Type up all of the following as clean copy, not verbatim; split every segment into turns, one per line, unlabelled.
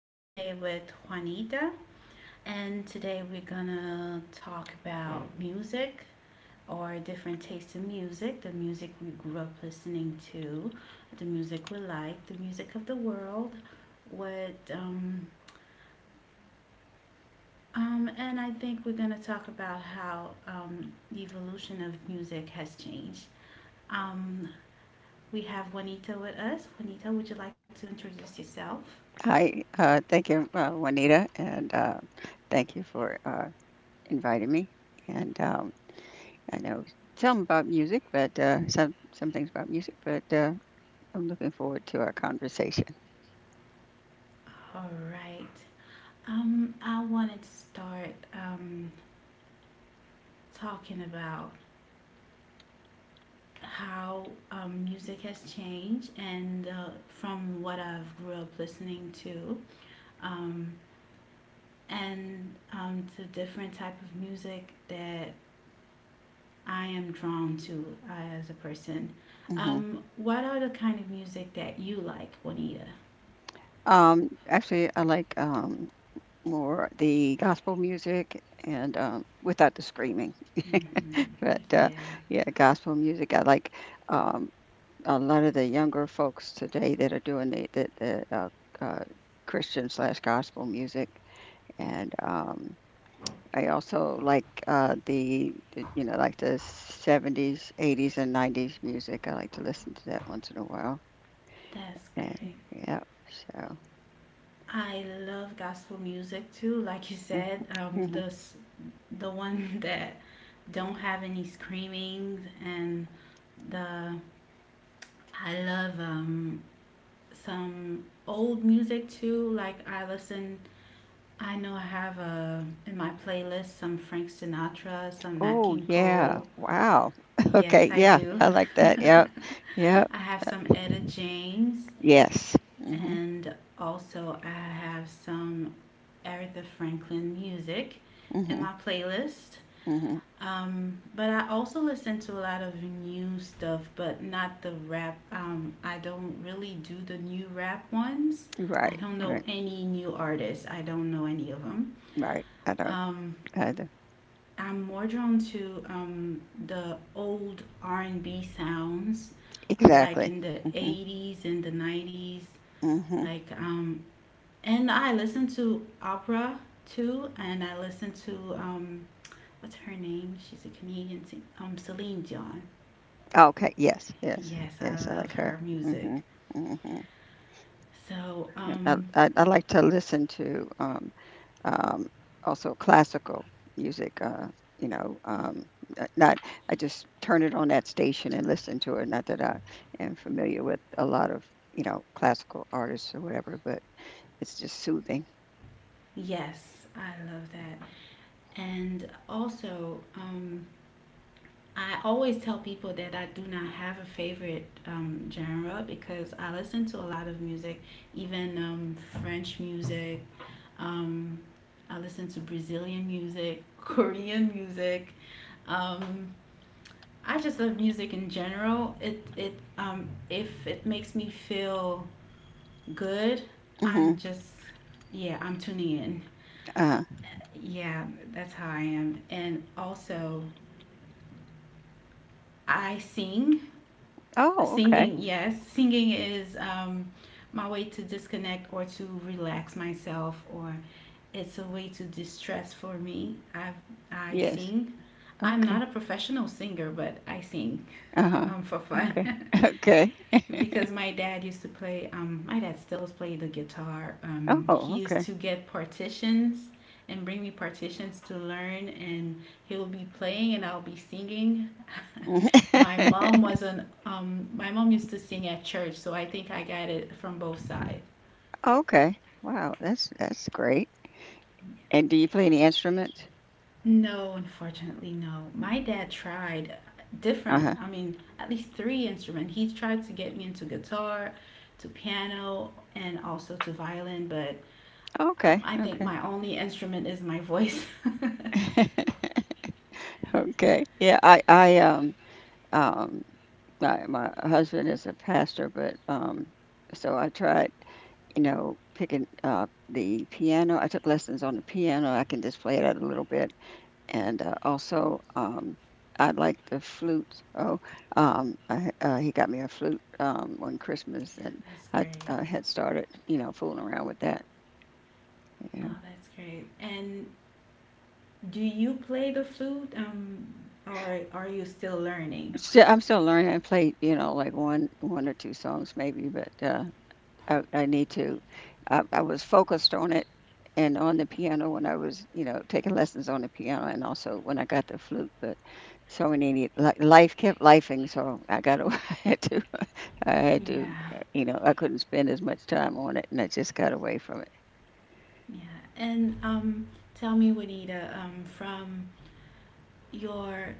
here today with Juanita, and today we're gonna talk about music, or different tastes in music, the music we grew up listening to, the music we like, the music of the world. What and I think we're gonna talk about how the evolution of music has changed. Um, we have Juanita with us. Juanita, would you like to introduce yourself?
Hi, thank you, Juanita, and thank you for inviting me. And I know some about music, but some things about music, but I'm looking forward to our conversation.
All right. I wanted to start talking about how music has changed, and from what I've grew up listening to, um, and to different type of music that I am drawn to as a person.
Hmm.
What are the kind of music that you like, Juanita?
Actually, I like more the gospel music and without the screaming.
Hmm.
But
Yeah,
yeah, gospel music. I like um, a lot of the younger folks today that are doing the uh, Christian slash gospel music. And I also like the like the 70s, 80s, and 90s music. I like to listen to that once in a while.
that's
And
great.
yeah, so.
I love gospel music too. Like you
Mhm,
said,
mhm.
the one that don't have any screamings and the I love some old music too. I know I have a in my playlist some Frank Sinatra, some Nat
Oh,
King
yeah.
Cole.
Wow.
Yes,
Okay.
I
Yeah.
do.
I like that. Yep. Yep.
I have some Etta James,
Yes. Mm-hmm.
and also I have some Aretha Franklin music in
Mm-hmm.
my playlist.
Mm-hmm.
But I also listen to a lot of new stuff, but not the rap. I don't really do the new rap ones. I
Right.
don't know
Right.
any new artists. I don't know any of them.
Right. I don't.
Um,
I don't.
I'm more drawn to the old R&B sounds, like
Exactly.
in the
Mm-hmm.
80s and the 90s.
Mm-hmm.
Like, and I listen to opera too, and I listen to what's her name? She's a Canadian singer, Celine Dion.
Okay. Yes. Yes.
Yes, I
Yes. I
love
like
her
her.
music.
Mm-hmm. Mm-hmm.
So,
And I,
um,
I, I like to listen to um, also classical music. You know, um, n- not I just turn it on that station and listen to it. Not that I am familiar with a lot of classical artists or whatever, but it's just soothing.
yes, I love that. And also, I always tell people that I do not have a favorite genre, because I listen to a lot of music, even French music. Um, I listen to Brazilian music, Korean music. Um, I just love music in general. It If it makes me feel good,
Hmm.
I'm just, yeah, I'm tuning in.
Uh,
Yeah, that's how I am. And also, I sing.
oh, okay.
Singing, yes, singing is my way to disconnect, or to relax myself, or it's a way to distress for me. I
Yes.
sing. I'm not
Okay.
a professional singer, but I sing
Uh huh.
for fun.
Okay. Okay.
because my dad used to play My dad still plays the guitar.
Oh,
He used
okay.
to get partitions and bring me partitions to learn, and he'll be playing and I'll be singing. My mom used to sing at church, so I think I got it from both sides.
Okay. Wow, that's great. And do you play any instruments?
No, unfortunately, no. My dad tried
Uh
different,
huh.
I mean, at least three instruments. He tried to get me into guitar, to piano, and also to violin, but
Okay,
I think my
okay.
only instrument is my voice. That's
Okay. Yeah, I um my my husband is a pastor, but so I tried, you know, picking up the piano. I took lessons on the piano. I can just play it out a little bit. And also I like the flute. Oh, he got me a flute one Christmas and I,
great.
I had started, fooling around with that. Yeah.
Oh, that's great. And do you play the flute, or are you still learning?
Still, I'm still learning. I play, like one or two songs maybe, but I need to. I was focused on it and on the piano when I was, taking lessons on the piano and also when I got the flute. But so many life kept lifing, so I got away. I had to. I had to.
Yeah.
You know, I couldn't spend as much time on it, and I just got away from it.
Yeah. And tell me, Juanita, from your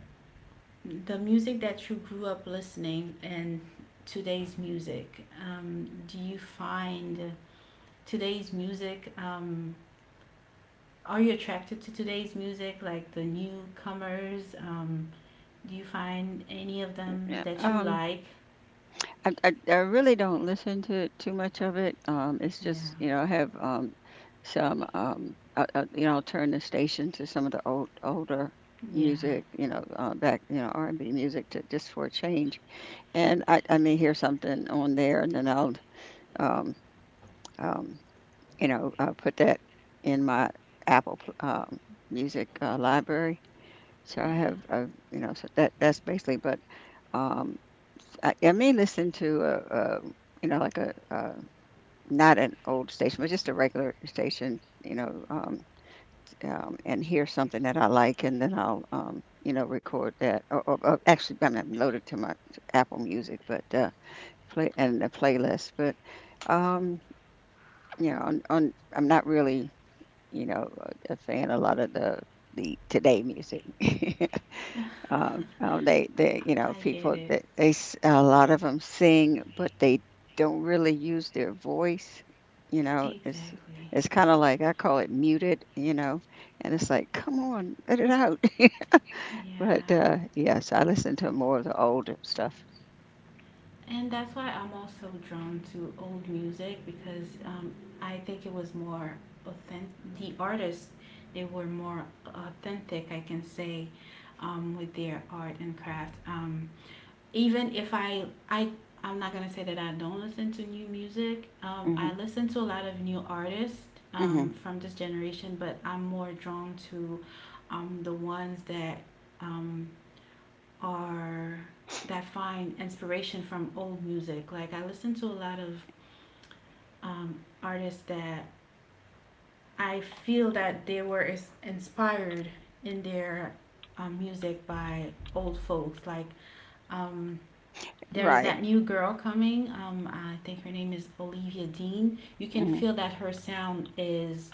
the music that you grew up listening and today's music, do you find today's music? Are you attracted to today's music, like the newcomers? Do you find any of them
Yeah,
that you like?
I really don't listen to too much of it. It's
Yeah.
just, I have some, I'll turn the station to some of the old older
Yeah,
music, you know, back, you know, R&B music to just for a change. And I may hear something on there, and then I'll, um, um, put that in my Apple Music library. So
yeah.
I have, so that's basically. But um, I may listen to a like a not an old station, but just a regular station, and hear something that I like, and then I'll, record that. Or actually, I'm not loaded to my Apple Music, but play and the playlist. But um, you know, on I'm not really, you know, a fan of a lot of the today music.
I, I get
People
it.
that a lot of them sing, but they don't really use their voice. You know, it's
Exactly.
it's kind of like I call it muted. You know, and it's like, come on, let it out. But
Yeah.
yes, I listen to more of the older stuff.
And that's why I'm also drawn to old music, because I think it was more authentic. The artists, they were more authentic, I can say, with their art and craft. Even if I'm not gonna say that I don't listen to new music.
Hmm.
I listen to a lot of new artists
Hmm.
from this generation, but I'm more drawn to the ones that um, are that find inspiration from old music. Like I listen to a lot of um, artists that I feel that they were is inspired in their music by old folks, like um, there is
Right.
that new girl coming. I think her name is Olivia Dean. You can
Hmm.
feel that her sound is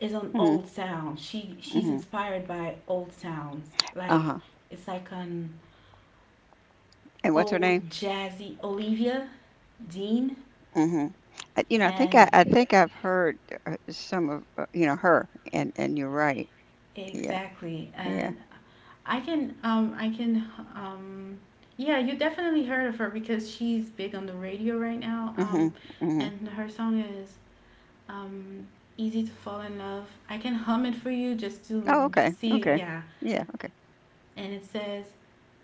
is an
Hmm.
old sound. She's
Hmm.
inspired by old sounds. Like
Uh-huh.
it's like an
And what's her
old
name?
jazzy Olivia Dean,
Hmm.
and
I think I've heard some of her, and you're right. Yeah.
exactly.
Yeah.
And I can um yeah, you definitely heard of her, because she's big on the radio right now.
Hmm. Hmm.
And her song is um, easy to fall in love. I can hum it for you just to
Oh, okay,
see,
okay.
yeah.
Yeah, okay.
And it says,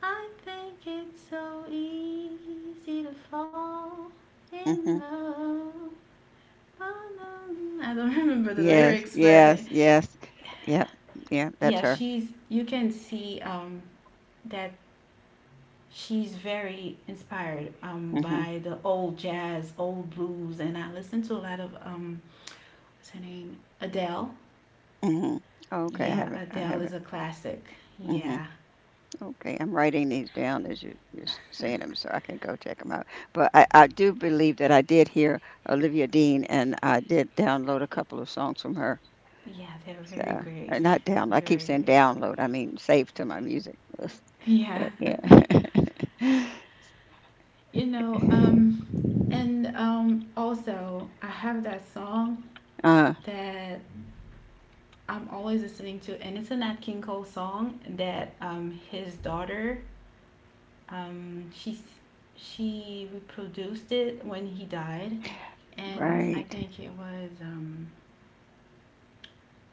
I think it's so easy to fall in
Mhm.
love. Oh, no. I don't remember the
Yes,
lyrics, but
yes, yes. Yep, yeah, that's
yeah,
her.
she's. You can see that she's very inspired
Mhm,
by the old jazz, old blues, and I listen to a lot of what's her name, Adele.
mhm. Okay, I
Yeah,
have it. I
Adele
have
is
it.
a classic.
Mhm.
Yeah,
Okay, I'm writing these down as you're saying them, so I can go check them out. But I do believe that I did hear Olivia Dean, and I did download a couple of songs from her.
yeah, they're
So,
very great.
not down. I keep
Very
saying
great.
download. I mean save to my music list.
Yeah.
But yeah.
You know, and also I have that song
uh,
that I'm always listening to, and it's a Nat King Cole song that his daughter, um she's she reproduced it when he died, and I
right.
think it was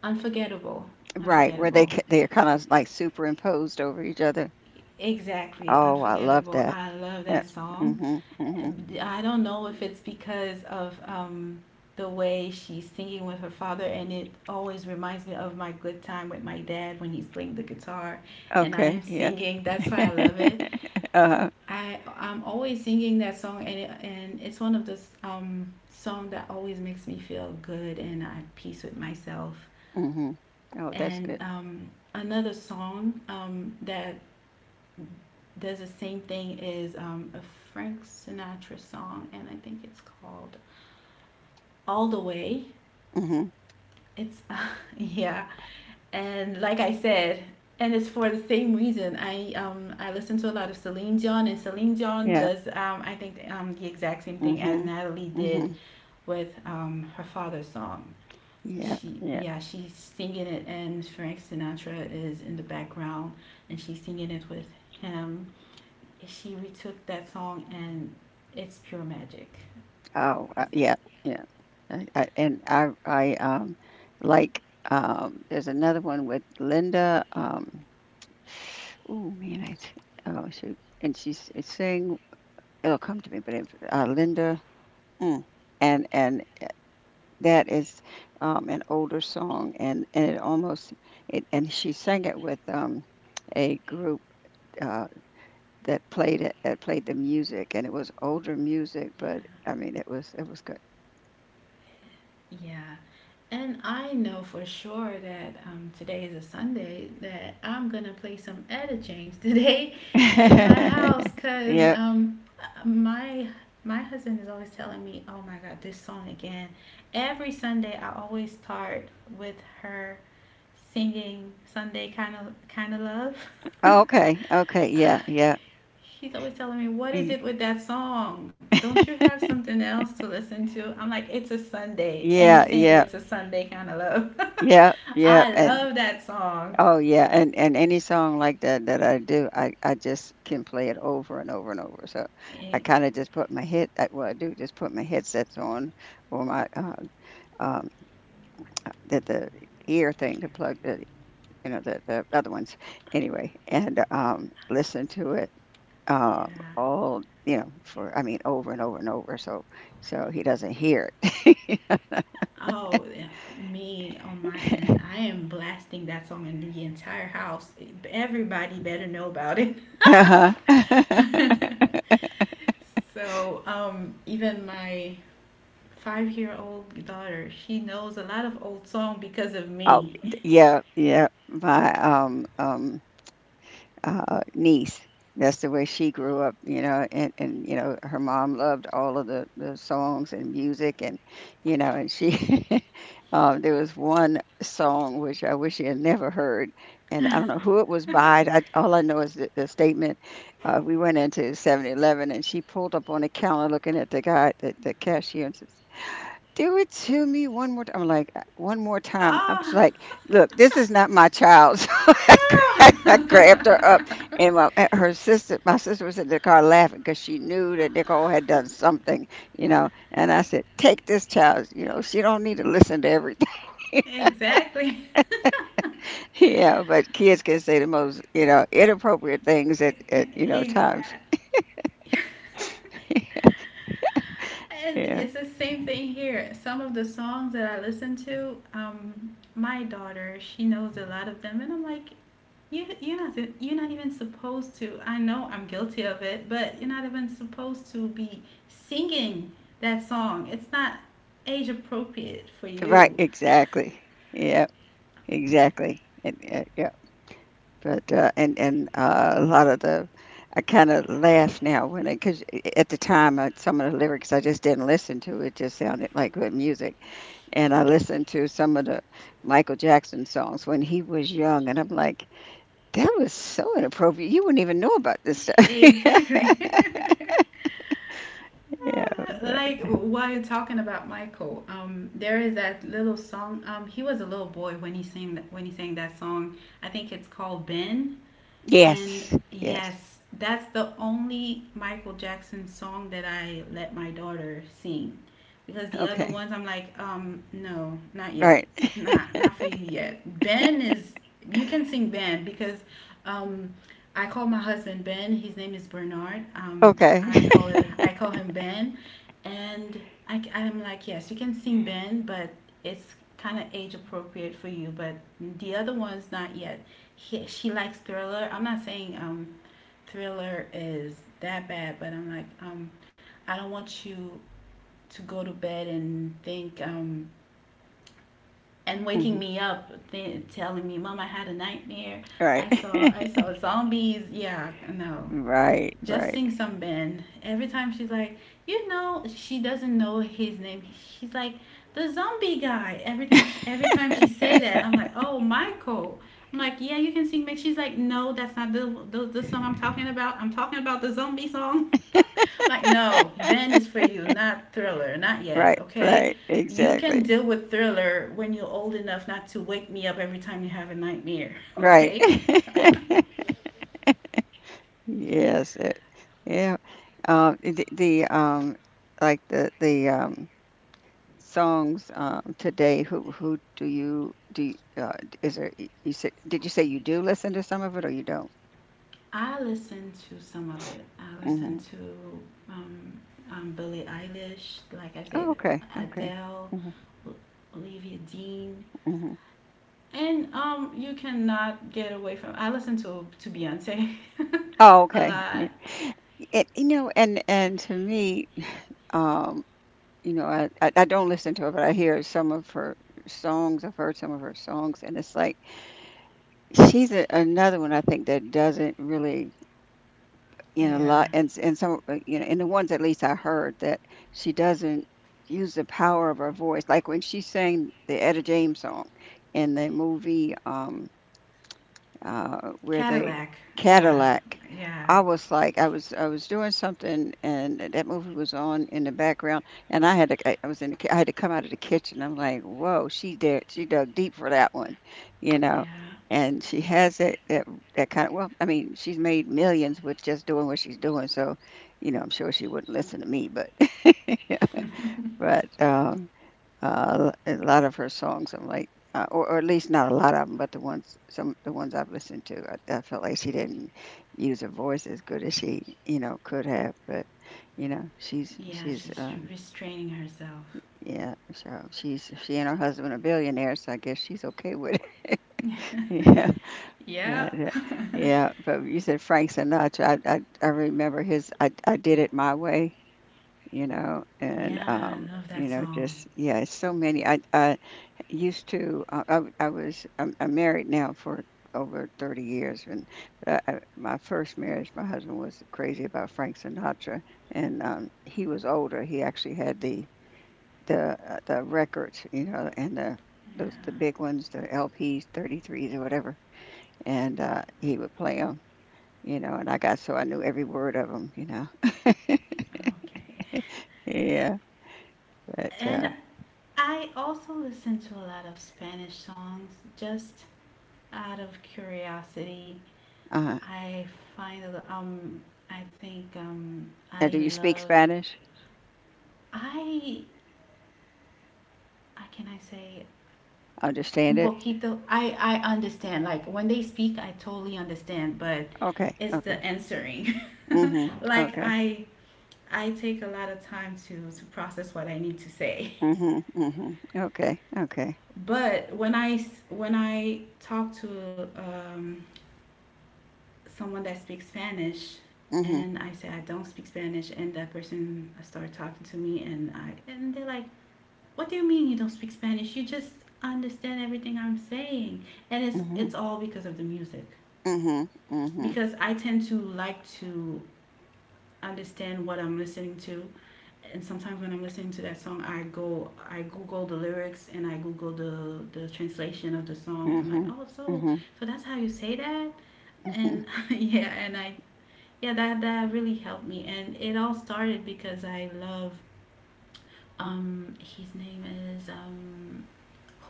unforgettable.
Right, where
Unforgettable.
they're kinda like superimposed over each other.
Exactly,
Oh, I love
unforgettable.
that.
I love
Yeah.
that song.
Mhm, mhm.
I don't know if it's because of the way she's singing with her father, and it always reminds me of my good time with my dad when he's playing the guitar, and I
Okay,
am
yeah.
singing. That's why I love it.
uh
I'm always singing that song, and and it's one of those song that always makes me feel good and at peace with myself.
Mhm. Oh, that's
And
good.
another song that does the same thing is a Frank Sinatra song, and I think it's called "All the Way."
Mhm.
It's yeah, and like I said, and it's for the same reason. I listen to a lot of Celine Dion, and Celine Dion
Yeah.
does I think the exact same thing as
Mhm.
Natalie did
Mhm.
with her father's song.
Yeah,
She
yeah.
yeah, she's singing it, and Frank Sinatra is in the background, and she's singing it with him. She retook that song, and it's pure magic.
Oh,
It's,
yeah, yeah. I and I I, like, there's another one with Linda, oh man, I oh, shoot, and she's sang it'll come to me, but it's, Linda mm, and that is an older song, and it almost and she sang it with a group uh, that played the music, and it was older music,
yeah.
but I mean it was good.
Yeah. And I know for sure that today is a Sunday that I'm gonna play some Etta James today in my house, because
Yeah.
my my husband is always telling me, "Oh my God, this song again." Every Sunday, I always start with her singing "Sunday Kind of Love."
Okay. Okay. Yeah. Yeah.
He's always telling me, what is
Mm.
it with that song? Don't you have something else to listen to? I'm like, it's a Sunday. And
Yeah.
it's saying
Yeah.
it's a Sunday kind of love.
Yeah. Yeah.
I
And.
love that song.
Oh yeah, and any song like that that I do, I just can play it over and over and over. So I
It-
kind of just put my head, well, I do just put my headsets on or my um the ear thing to plug the the other ones anyway, and listen to it
yeah.
all for I mean over and over and over. So he doesn't hear it.
Oh, yeah, me on my end, I am blasting that song in the entire house. Everybody better know about it.
Uh-huh.
Even my 5-year-old daughter, she knows a lot of old songs because of
Oh,
me.
yeah, yeah. My niece. That's the way she grew up, you know, and you know, her mom loved all of the songs and music and and she there was one song which I wish she had never heard and I don't know who it was by. All I know is the statement we went into 7-Eleven and she pulled up on the counter looking at the guy the cashier and says. Do it to me one more time. I'm like, one more time." I'm just
Ah.
like, look, this is not my child. So
Oh,
I grabbed her up, and and her sister, my sister was in the car laughing because she knew that Nicole had done something, you know. And I said, take this child. You know, she don't need to listen to everything.
exactly.
Yeah, but kids can say the most, inappropriate things at times.
And
Yeah.
it's the same thing here. Some of the songs that I listen to, my daughter, she knows a lot of them, and I'm like, you're not even supposed to. I know I'm guilty of it, but you're not even supposed to be singing that song. It's not age appropriate for
Right.
you.
Exactly. Yeah. Exactly. And, uh, but, a lot of the I kinda laugh now because at the time, some of the lyrics I just didn't listen to, it just sounded like good music, and I listened to some of the Michael Jackson songs when he was young, and I'm like, "That was so inappropriate, you wouldn't even know about this stuff."
Exactly.
Yeah, but
Like, while you're talking about Michael, there is that little song. He was a little boy when he sang that, song. I think it's called Ben. And
yes, yes.
yes, that's the only Michael Jackson song that I let my daughter sing. Because the other
Okay,
ones I'm like, no, not yet.
right.
Not for you yet. Ben is You can sing Ben, because um I call my husband Ben. His name is Bernard.
Okay.
I call him Ben, and I'm like, yes, you can sing Ben, but it's kind of age appropriate for you. But the other ones, not yet. She likes Thriller. I'm not saying Thriller is that bad, but I'm like, I don't want you to go to bed and think, and waking
Mhm.
me up telling me, Mom, I had a nightmare.
Right.
I saw zombies. Yeah, no,
Right,
just
right,
sing some band. Every time she's like, you know, she doesn't know his name. She's like, the zombie guy. Everything. Every time she say that, I'm like, oh, Michael. I'm like, yeah, you can sing. But she's like, no, that's not the song I'm talking about. I'm talking about the zombie song. Like, no, Ben is for you, not Thriller, not yet.
right,
Okay.
right,
You
exactly.
can deal with Thriller when you're old enough not to wake me up every time you have a nightmare,
Right.
okay?
Yes, yeah. The like the songs today. Who do you do? Is there? You said? Did you say you do listen to some of it or you don't?
I listen to some of it. I listen
Hmm.
to um, Billie Eilish, like I said,
Oh, okay, okay.
Adele,
Hmm.
Olivia Dean,
Hmm.
and you cannot get away from. I listen to Beyonce
Oh,
a
okay.
lot.
It, you know, and to me, um, I don't listen to it, but I hear some of her songs. I've heard some of her songs, and it's like she's another one I think that doesn't really In a
Yeah,
lot and s and some in the ones at least I heard that she doesn't use the power of her voice, like when she sang the Etta James song in the movie, where they
Cadillac. Yeah,
Cadillac.
yeah,
I was like, I was, doing something, and that movie was on in the background, and I had to, I was in, the, ki- I had to come out of the kitchen. I'm like, whoa, she dug deep for that one, you know,
yeah,
and she has that kind of. Well, I mean, she's made millions with just doing what she's doing, so, you know, I'm sure she wouldn't listen to me, but, but, a lot of her songs, I'm like, or at least not a lot of them, but the ones I've listened to, I felt like she didn't use her voice as good as she could have. But you know, she's
yeah.
she's
She's restraining herself.
yeah, so she and her husband are billionaires, so I guess she's okay with it. Yeah, but
Yeah,
uh, yeah, but you said Frank Sinatra. I remember his I did it my way. You know, and
yeah. I love that song.
just yeah, it's so many. I used to. I was I'm married now for over 30 years, and my first marriage, my husband was crazy about Frank Sinatra, and he was older. He actually had the the records, you know, and the those the
Yeah.
big ones, the LPs, 33s or whatever, and he would play them. You know, and I got so I knew every word of them. You know,
Okay.
yeah, but
And I also listen to a lot of Spanish songs just out of curiosity.
uh-huh.
I find a- um I think,
Now, do
I
you speak
love.
Spanish?
I How can I say?
Understand
Un
it?
poquito. I understand, like when they speak I totally understand, but
Okay,
it's the
okay.
answering.
Mhm.
Like
Okay.
I take a lot of time to process what I need to say.
Mhm. Mhm. Okay. Okay.
But when when I talk to someone that speaks Spanish,
Mhm.
and I said I don't speak Spanish, and that person started talking to me, and they're like, "What do you mean you don't speak Spanish? You just understand everything I'm saying," and it's
Mhm.
it's all because of the music,
Mhm. Mhm.
because I tend to like to understand what I'm listening to. And sometimes when I'm listening to that song, I go, I Google the lyrics, and I Google the translation of the song, and I'm like,
Mhm.
oh,
Mhm.
so that's how you say that,
Mhm.
and yeah, and I yeah, that really helped me, and it all started because I love, his name is,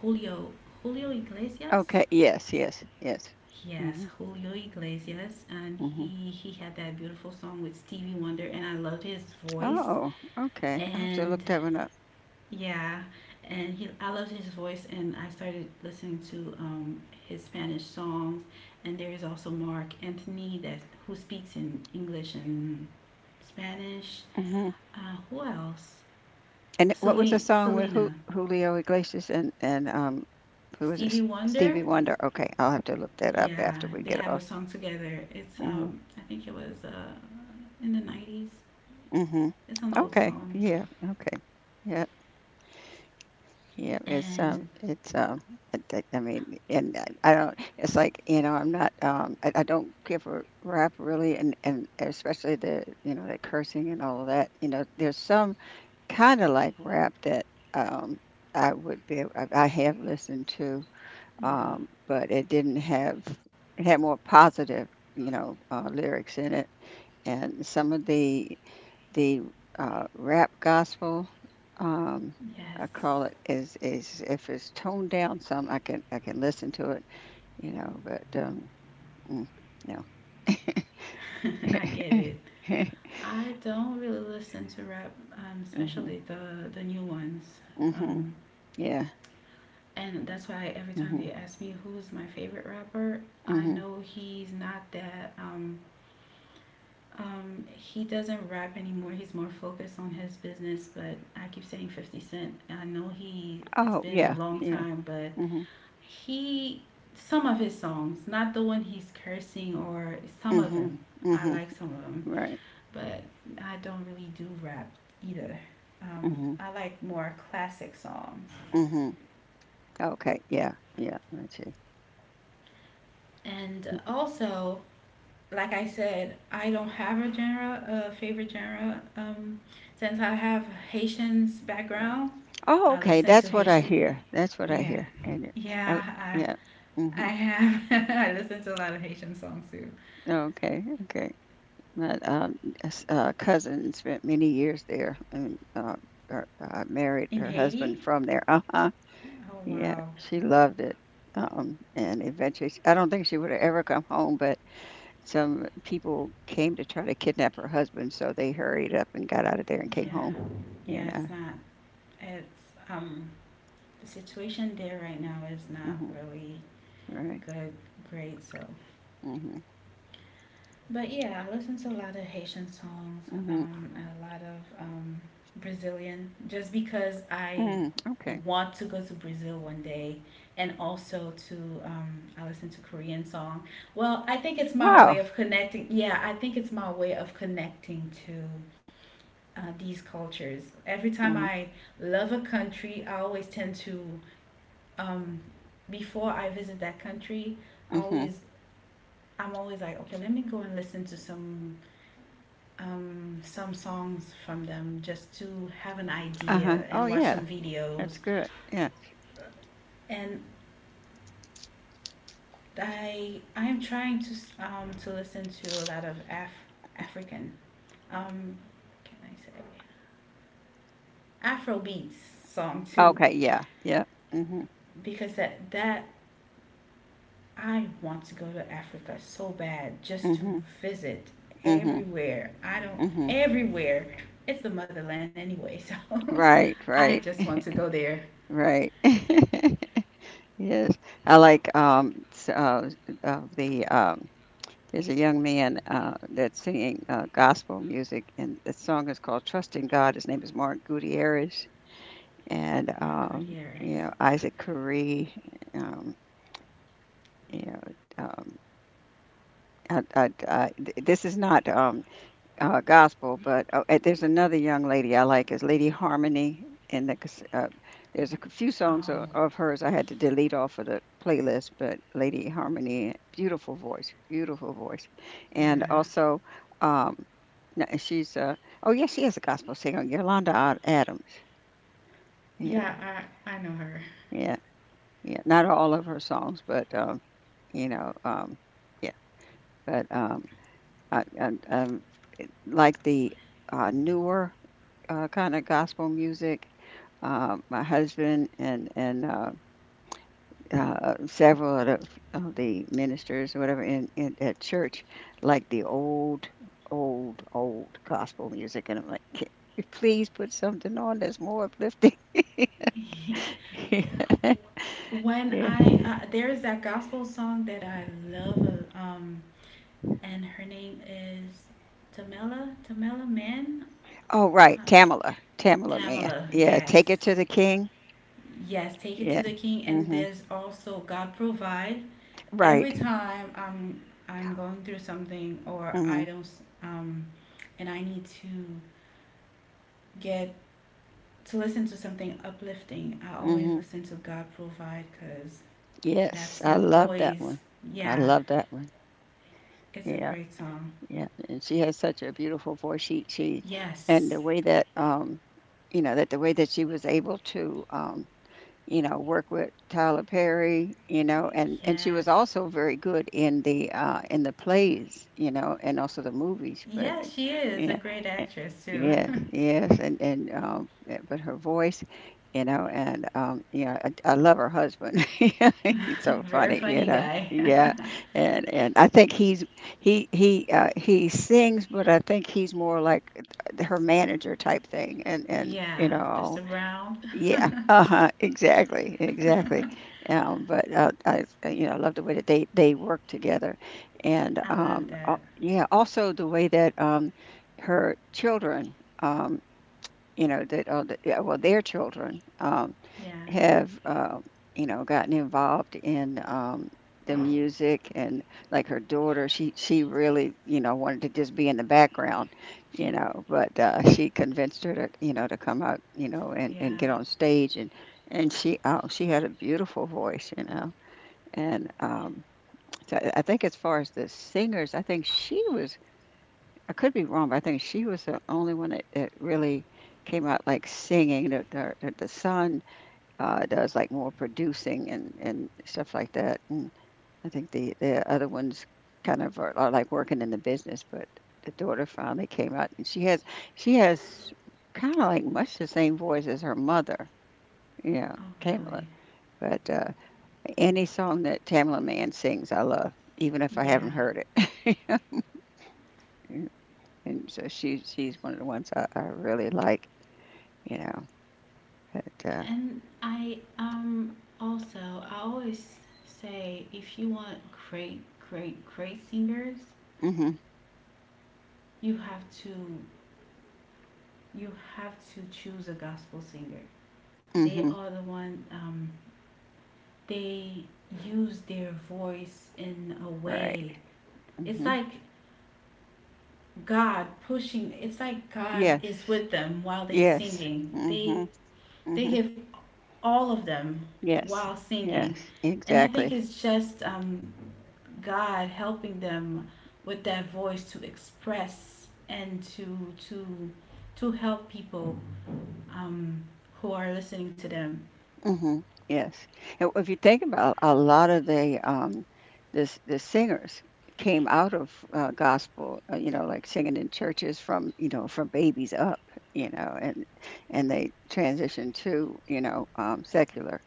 Julio, Iglesias.
Okay. Yes. Yes. Yes.
Yes,
Mhm.
Julio Iglesias. And
Mhm.
he had that beautiful song with Stevie Wonder, and I loved his voice.
Oh. Okay. I have to
And
look that one up.
yeah, and he I loved his voice, and I started listening to, his Spanish songs. And there is also Mark Anthony, that who speaks in English and Spanish.
Mhm.
Who else?
And what was the
Celine,
song with
Selena,
Julio Iglesias and who was it?
Stevie Wonder.
Stevie Wonder. Okay, I'll have to look that up
Yeah,
after we
they
get
have a
off.
song together. It's,
Mhm.
I think it was, in the '90s.
Mhm.
It's an old
Okay.
song,
Yeah. Okay. Yeah. Yeah, it's
and
I mean, I don't. It's like, I'm not. I don't give a rap really, and especially the the cursing and all of that. You know, there's some kind of like rap that um I would be I have listened to,
yeah,
but it didn't have it had more positive you know lyrics in it, and some of the rap gospel, um,
yes.
I call it is if it's toned down some, I can listen to it, you know, but, mm, no.
I get it. I don't really listen to rap,
Mhm,
especially the new ones. Um,
mhm, yeah,
and that's why every time they
mhm,
ask me who's my favorite rapper, I
mhm.
know he's not that, he doesn't rap anymore. He's more focused on his business. But I keep saying Fifty Cent. I know he. It's
Oh,
been a
yeah,
long
yeah,
time, but
mhm,
he. Some of his songs, not the one he's cursing, or some of
mhm,
them. I
mhm,
like some of them,
right,
but I don't really do rap either. Um,
mhm,
I like more classic songs.
mhm. Okay, yeah, yeah, I see.
And also, like I said, I don't have a genre, a favorite genre. Since I have Haitian's background,
Oh,
I
okay,
listen to
that's what I
Haitian.
hear, that's what I
Yeah,
hear, and it oh,
yeah,
yeah,
I
mhm,
have. I listen to a lot of Haitian songs too.
okay, okay. My cousin spent many years there, and her, married
In
her husband
Haiti?
from there. Uh huh.
Oh,
Yeah,
wow.
she loved it. And eventually, I don't think she would have ever come home, but some people came to try to kidnap her husband, so they hurried up and got out of there and came
Yeah,
home.
yeah.
And
It's not. It's. The situation there right now is not
hmm
really
right,
good, great. So.
hmm
But yeah, I listen to a lot of Haitian songs,
hmm
and a lot of, Brazilian, just because I
mm-hmm. Okay,
want to go to Brazil one day, and also to, I listen to Korean song. Well, I think it's my way
wow,
of connecting. Yeah, I think it's my way of connecting to, these cultures. Every time
hmm
I love a country, I always tend to, um, before I visit that country, I
hmm
always I'm always like, okay, let me go and listen to some, some songs from them just to have an
uh huh.
idea
Oh
and watch
yeah,
some videos.
that's good. Yeah.
And I am trying to, to listen to a lot of African, um, can I say, Afrobeats song too,
Okay. Yeah. Yeah. Mm hmm.
because that I want to go to Africa so bad just to
Mm
visit
hmm. Hmm
everywhere. I don't.
hmm.
Everywhere. It's the motherland anyway, so
Right,
I
right,
just want to go there.
right. Yes, I like s- of the. There's a young man that's singing gospel music, and the song is called "Trust in God." His name is Mark Gutierrez, and
Mark Gutierrez.
you know
Okay.
Isaac Curry. Um, you know, um, this is not gospel, but there's another young lady I like is Lady Harmony, and there's a few songs
Oh,
of hers I had to delete off of the playlist. But Lady Harmony, beautiful voice, and
yeah.
also um, she's oh yeah, she is a gospel singer, Yolanda Adams.
Yeah,
Yeah,
I know her.
yeah, yeah. Not all of her songs, but you know, yeah, but um, I, I, um, like the newer kind of gospel music. My husband and several of of the ministers or whatever in at church like the old gospel music, and I'm like, "Can you please put something on that's more uplifting." Yeah.
There's that gospel song that I love, and her name is, Tamela Mann.
Oh, right,
Uh,
Tamala, Tamala man.
Tamela,
Yeah, take it to
yes.
the king.
Yes, "Take It
Yeah.
to the King." And
Mhm.
there's also "God Provide." Every
Right.
time I'm going through something, or I
Mhm.
don't, and I need to get to listen to something uplifting, I always
Mhm.
listen to "God Provide" because that
Yes, I
song
love that
always,
one. I
yeah,
love that one.
it's a
Yeah.
great song.
Yeah, and she has such a beautiful voice. She and the
Yes,
way that you know that the way that she was able to you know, work with Tyler Perry, you know, and she was
yes.
also very good in the plays, you know, and also the movies, but
Yeah, she is a
yeah.
great
a-
actress too.
Yes, yes, and but her voice, you know, and yeah, I love her husband. He's so
Very
funny, you
funny
know.
guy.
Yeah, and I think he sings, but I think he's more like her manager type thing, and
Yeah,
you know
Mr.
all
Brown.
yeah, uh-huh, exactly, exactly. You know, I love the way that they work together, and
I love that.
yeah, also the way that her children, you know, that yeah, well, their children,
Yeah,
have, you know, gotten involved in, the music and like her daughter, she really, you know, wanted to just be in the background, you know, but, she convinced her to, you know, to come out, you know,
yeah.
and get on stage and she, oh, she had a beautiful voice, you know, and, so I think as far as the singers, I think she was I could be wrong, but I think she was the only one that that really came out, like, singing. The son does like more producing and stuff like that. And I think the other ones kind of are like working in the business, but the daughter finally came out, and she has kind of like much the same voice as her mother, you know,
Oh,
Tamala.
really?
But any song that Tamala Mann sings, I love, even if I haven't
Yeah.
heard it. And so she's one of the ones I really like, you know. But
And I always say, if you want great, great, great singers,
mhm,
you have to you have to choose a gospel singer. They
mhm,
are the one, they use their voice in a
right,
way. It's
mhm,
like God pushing, it's like God
yes,
is with them while they
yes.
singing. They,
Mhm,
they
mhm.
give all of them
Yes,
while singing.
yes,
And I think
exactly.
it's just, God helping them with that voice to express and to help people, um, who are listening to them.
Mm. Mhm, yes. And if you think about a lot of the, this the singers came out of, gospel, you know, like singing in churches from, you know, from babies up, you know, and they transitioned to, you know, secular.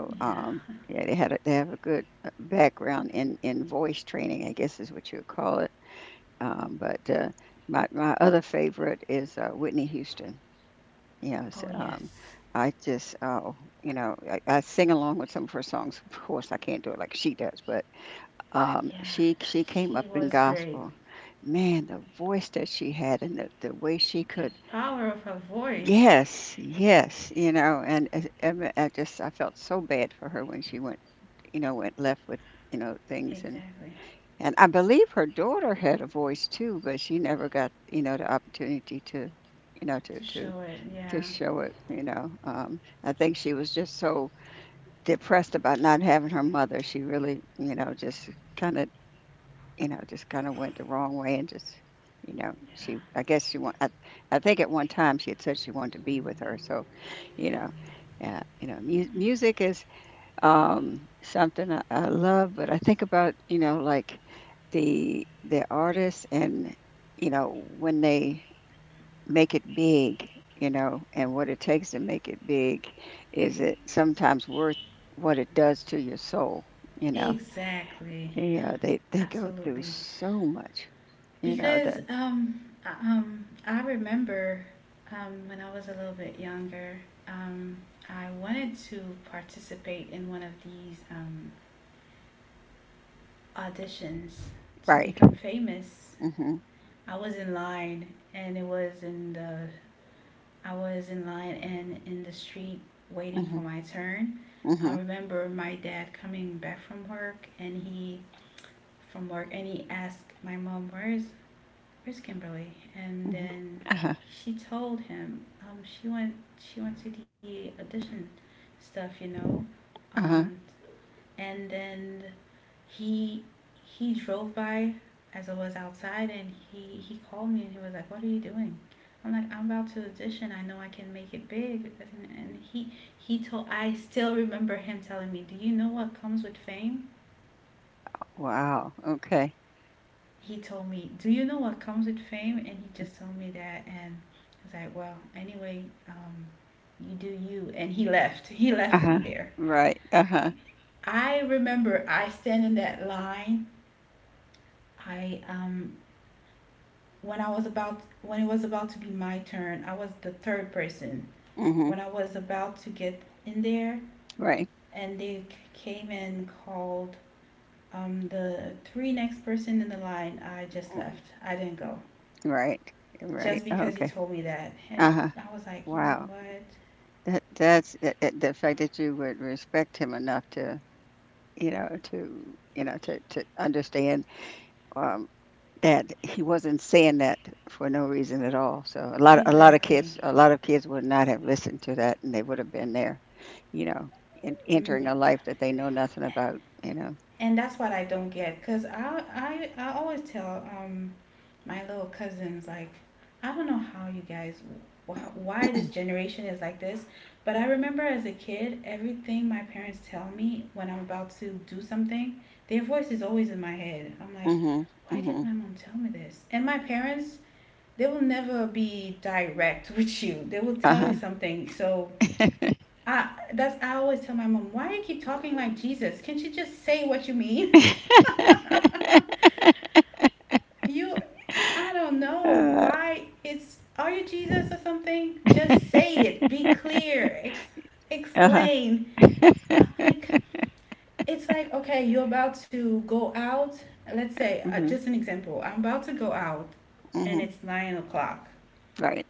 Yeah.
yeah, they have a good, background in voice training, I guess is what you would call it. But my other favorite is Whitney Houston. Yes,
Oh, yes.
I just you know I sing along with some of her songs. Of course, I can't do it like she does, but
Yeah.
she came
She
up in
was great.
gospel. Man, the voice that she had and the way she
The
could.
power of her voice.
Yes, yes, you know, and I just I felt so bad for her when she went, you know, went left with you know things and.
Exactly.
And I believe her daughter had a voice too, but she never got, you know, the opportunity to, you know,
To show it.
to
Yeah.
show it, you know. I think she was just so depressed about not having her mother. She really, you know, just kind of, you know, just kind of went the wrong way and just, you know,
Yeah.
I guess I think at one time she had said she wanted to be with her. So, you know, yeah, you know, music is something I love, but I think about you know like the artists and you know when they make it big, you know, and what it takes to make it big, is it sometimes worth what it does to your soul? You know,
Exactly.
yeah, they go through
Absolutely.
so much, you know.
Because
The
I remember, when I was a little bit younger, um I wanted to participate in one of these, auditions to
right,
become famous.
mhm,
I was in line and it was in the I was in line and in the street waiting
mhm,
for my turn.
mhm,
I remember my dad coming back from work and he asked my mom, "Where's, Kimberly?" And
mhm,
then
uh huh,
she told him, she went to the audition stuff, you know.
uh huh.
Um, and then he he drove by as I was outside, and he called me and he was like, "What are you doing?" I'm like, "I'm about to audition. I know I can make it big." And, he he told I still remember him telling me, "Do you know what comes with fame?"
Wow, okay,
He told me, "Do you know what comes with fame?" And he just told me that, and I was like, "Well, anyway, you do you." And he left. He
uh
left me
huh,
there.
right, uh huh,
I remember I stand in that line. I When it was about to be my turn, I was the third person.
mhm,
When I was about to get in there,
right.
and they came and called, the three next person in the line, I just
Mm-hmm.
left. I didn't go
Right,
just
right. Oh,
because he
okay.
told me that, and
Uh-huh.
I was like, you know
Wow.
what?
That the fact that you would respect him enough to, you know, to, you know, to understand um that he wasn't saying that for no reason at all. So a lot of kids
Exactly.
would not have listened to that and they would have been there, you know, entering
Mm,
a life that they know nothing about, you know.
and that's what I don't get, because I always tell, my little cousins, like, I don't know how you guys, why this generation is like this, but I remember as a kid, everything my parents tell me when I'm about to do something, their voice is always in my head. I'm like,
Mhm.
why did
Mhm.
my mom tell me this? And my parents, they will never be direct with you, they will tell
Uh-huh.
you something. I I always tell my mom, "Why do you keep talking like Jesus? Can't you just say what you mean?" you I don't know
uh,
why it's, are you Jesus or something? Just say it. Be clear.
uh-huh.
Explain. I'm like It's like, okay, you're about to go out. Let's say,
Mhm.
just an example. I'm about to go out, and
hmm
it's 9 o'clock.
Right.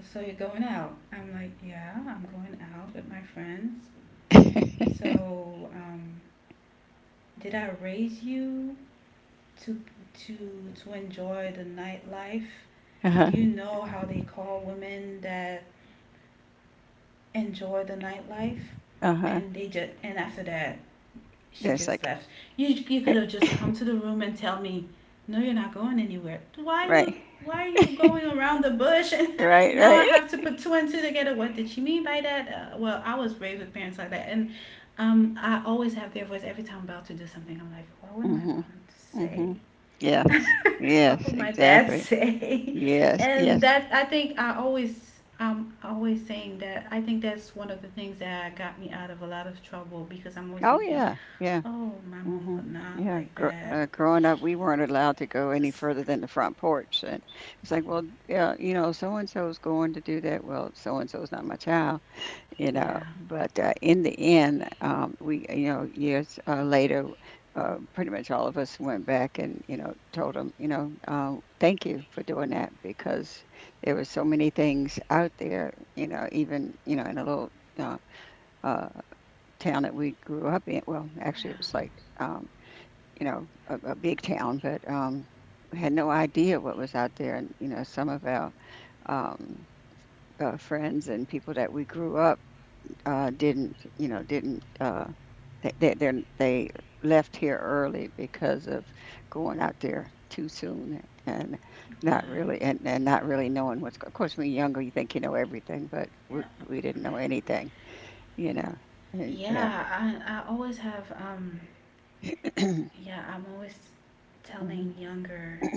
So you're going out. I'm like, yeah, I'm going out with my friends. So, did I raise you to to to enjoy the nightlife? Do you
uh-huh.
know how they call women that enjoy the nightlife?
Uh-huh.
And after that, she
There's
just
like
left. You could have just come to the room and tell me, no, you're not going anywhere.
right.
Why are you going around the bush? And
Right,
now I
right.
have to put two and two together. What did she mean by that? Well, I was raised with parents like that, and, I always have their voice every time I'm about to do something. I'm like, what would my mom
Mm-hmm.
say?
Mm-hmm. Yes.
What
Yes,
would my dad
exactly.
say?
Yes,
And
yes.
that I'm always saying that I think that's one of the things that got me out of a lot of trouble, because I'm always
Oh
thinking,
yeah, yeah.
oh, my mom
Mm-hmm.
would not
Yeah.
like that.
Growing up, we weren't allowed to go any
S-
further than the front porch, and it's like, well, yeah, you know, so and so's going to do that. Well, so and so's not my child. You know,
Yeah,
but in the end, we, you know, years later, pretty much all of us went back and you know told them, you know, thank you for doing that, because there were so many things out there, you know, even, you know, in a little uh, uh, town that we grew up in. Well,
yeah,
actually, it was like, um, you know, a big town, but we had no idea what was out there. And you know some of our um, friends and people that we grew up, didn't, you know, didn't, they left here early because of going out there too soon and not
yeah,
really, and not really knowing what's. Of course, when you're younger, you think you know everything, but we
yeah.
we didn't know anything, you know. And, yeah.
Yeah, I always have, yeah, I'm always
Hmm.
telling younger,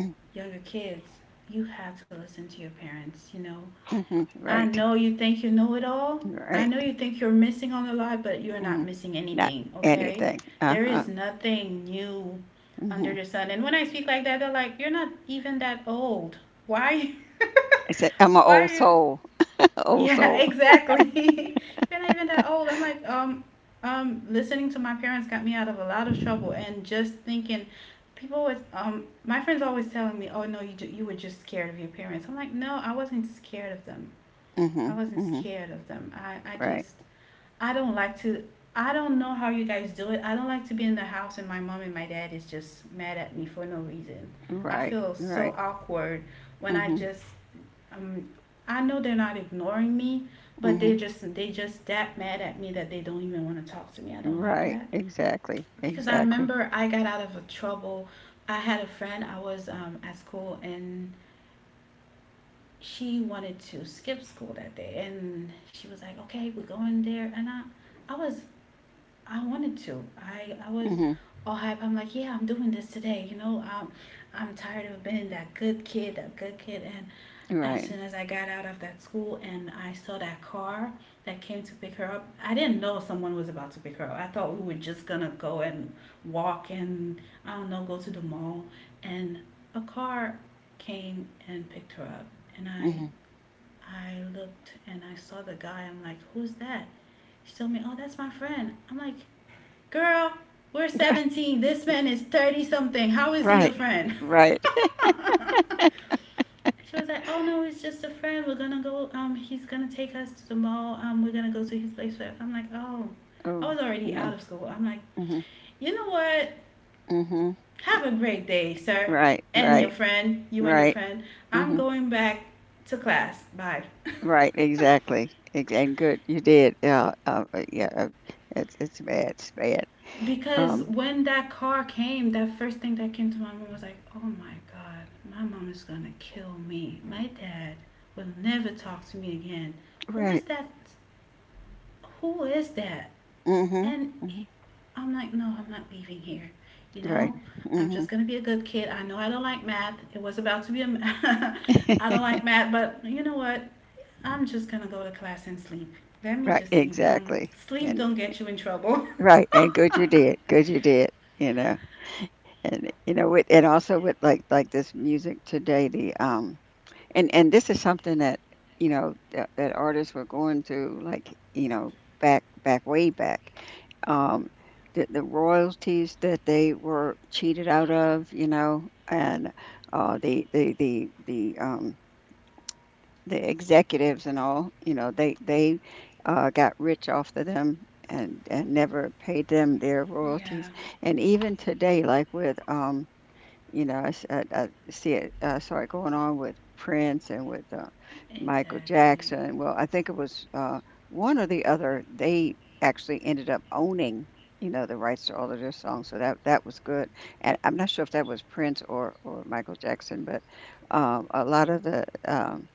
kids, you have to listen to your parents, you know.
Hmm.
I
Right.
know you think you know it all. I
Right.
know you think you're missing on a lot, but you're
Hmm.
not missing
Not
anything, okay?
anything. Uh
There
huh.
is nothing new
Hmm.
under the sun. And when I speak like that, they're like, "You're not even that old. Why?
I said I'm an
Why are
old
you..."
soul. Old
Yeah,
soul.
exactly. "You're not even that old." I'm like, listening to my parents got me out of a lot of trouble, and just thinking, people was, my friends always telling me, "Oh no, you were just scared of your parents." I'm like, no, I wasn't scared of them. I
Hmm.
wasn't
Hmm.
scared of them. I
Right.
just, I don't like to. I don't know how you guys do it. I don't like to be in the house and my mom and my dad is just mad at me for no reason. I
Right.
feel
Right.
so awkward when
Hmm.
um I know they're not ignoring me, but they
Hmm.
just they just that mad at me that they don't even want to talk to me. I don't like
Right,
that
exactly,
because I
exactly.
remember I got out of a trouble. I had a friend. I was at school, and she wanted to skip school that day, and she was like, "Okay, we're going there." And I was I wanted to. I was
Mhm,
all hype. I'm like, yeah, I'm doing this today. I'm tired of being that good kid, that good kid. And as soon
right.
as I got out of that school and I saw that car that came to pick her up, I didn't know someone was about to pick her up. I thought we were just gonna go and walk and, I don't know, go to the mall. And a car came and picked her up. And I
Mhm.
I looked and I saw the guy. I'm like, who's that? She told me, oh, that's my friend. I'm like, girl, we're 17. This man is 30 something. How is he your
Right,
friend?
right.
She was like, oh no, it's just a friend. We're gonna go, he's gonna take us to the mall. We're gonna go to his place. I'm like, oh, I
Oh,
was already
no.
out of school. I'm like,
Mhm,
you know what?
mhm.
Have a great day, sir.
Right,
And your
right,
friend, you and your
right.
friend. I'm
Mhm.
going back to class. Bye.
Right, exactly. And good, you did. Yeah, yeah. It's bad. It's bad.
Because
Um,
when that car came, that first thing that came to my mind was like, oh my God, my mom is going to kill me. My dad will never talk to me again. Who is
right.
that? Who is that?
Mhm.
And
Mhm.
I'm like, no, I'm not leaving here. You
Right.
know, I'm just
Mhm.
going to be a good kid. I know I don't like math. It was about to be a I don't like math, but you know what? I'm just going to go to class and sleep. Let me
Right,
just sleep.
exactly.
Sleep
And
don't get you in trouble.
right, and good you did. Good you did. You know, and you know, with, and also with, like, this music today, the and this is something that, you know, that artists were going through, like, you know, back back way back, um the royalties that they were cheated out of, you know, and the the executives and all, you know, they got rich off of them and never paid them their
Yeah.
royalties. And even today, like, with you know, I see it. I saw going on with Prince and with Michael
Exactly.
Jackson. Well, I think it was, one or the other. They actually ended up owning, you know, the rights to all of their songs. So that was good. And I'm not sure if that was Prince or Michael Jackson, but, a lot of the um,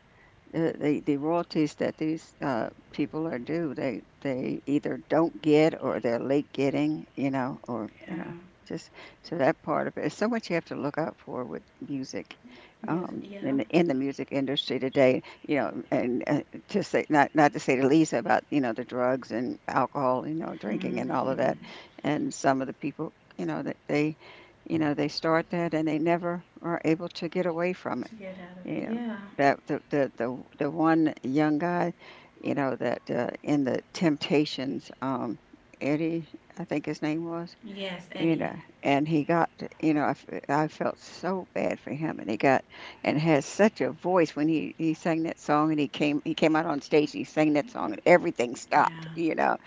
uh, the royalties that these people are due, they either don't get or they're late getting, you know, or you know,
Yeah.
just so that part of it. There's so much you have to look out for with music,
Music.
in
Yeah.
in the music industry today, you know, and to say, not not to say to Lisa about, you know, the drugs and alcohol, you know, drinking and all of that, and some of the people, you know, that they. You know, they start that and they never are able to get away from it,
To get out of it.
yeah,
Yeah.
that the one young guy, you know, that, in the Temptations, Eddie, I think his name was,
Yes,
you know,
Eddie.
and he got, you know, I felt so bad for him, and he got and has such a voice. When he sang that song, and he came out on stage, and he sang that song, and everything stopped,
Yeah.
you know,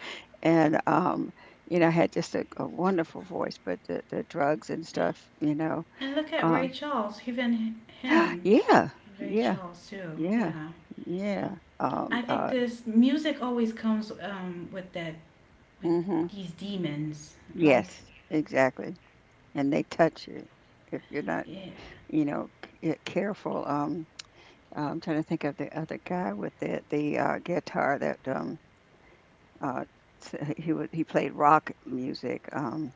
and, you know, had just a wonderful voice, but the drugs and stuff, you know,
And look at Ray
um,
Charles. Even him,
yeah,
Ray
yeah.
Charles too.
Yeah,
Yeah.
yeah,
I think this music always comes with
mhm,
these demons. Like,
yes, exactly, and they touch you if you're not,
yeah.
you know, careful. I'm trying to think of the other guy with the guitar that, uh he was, he played rock music,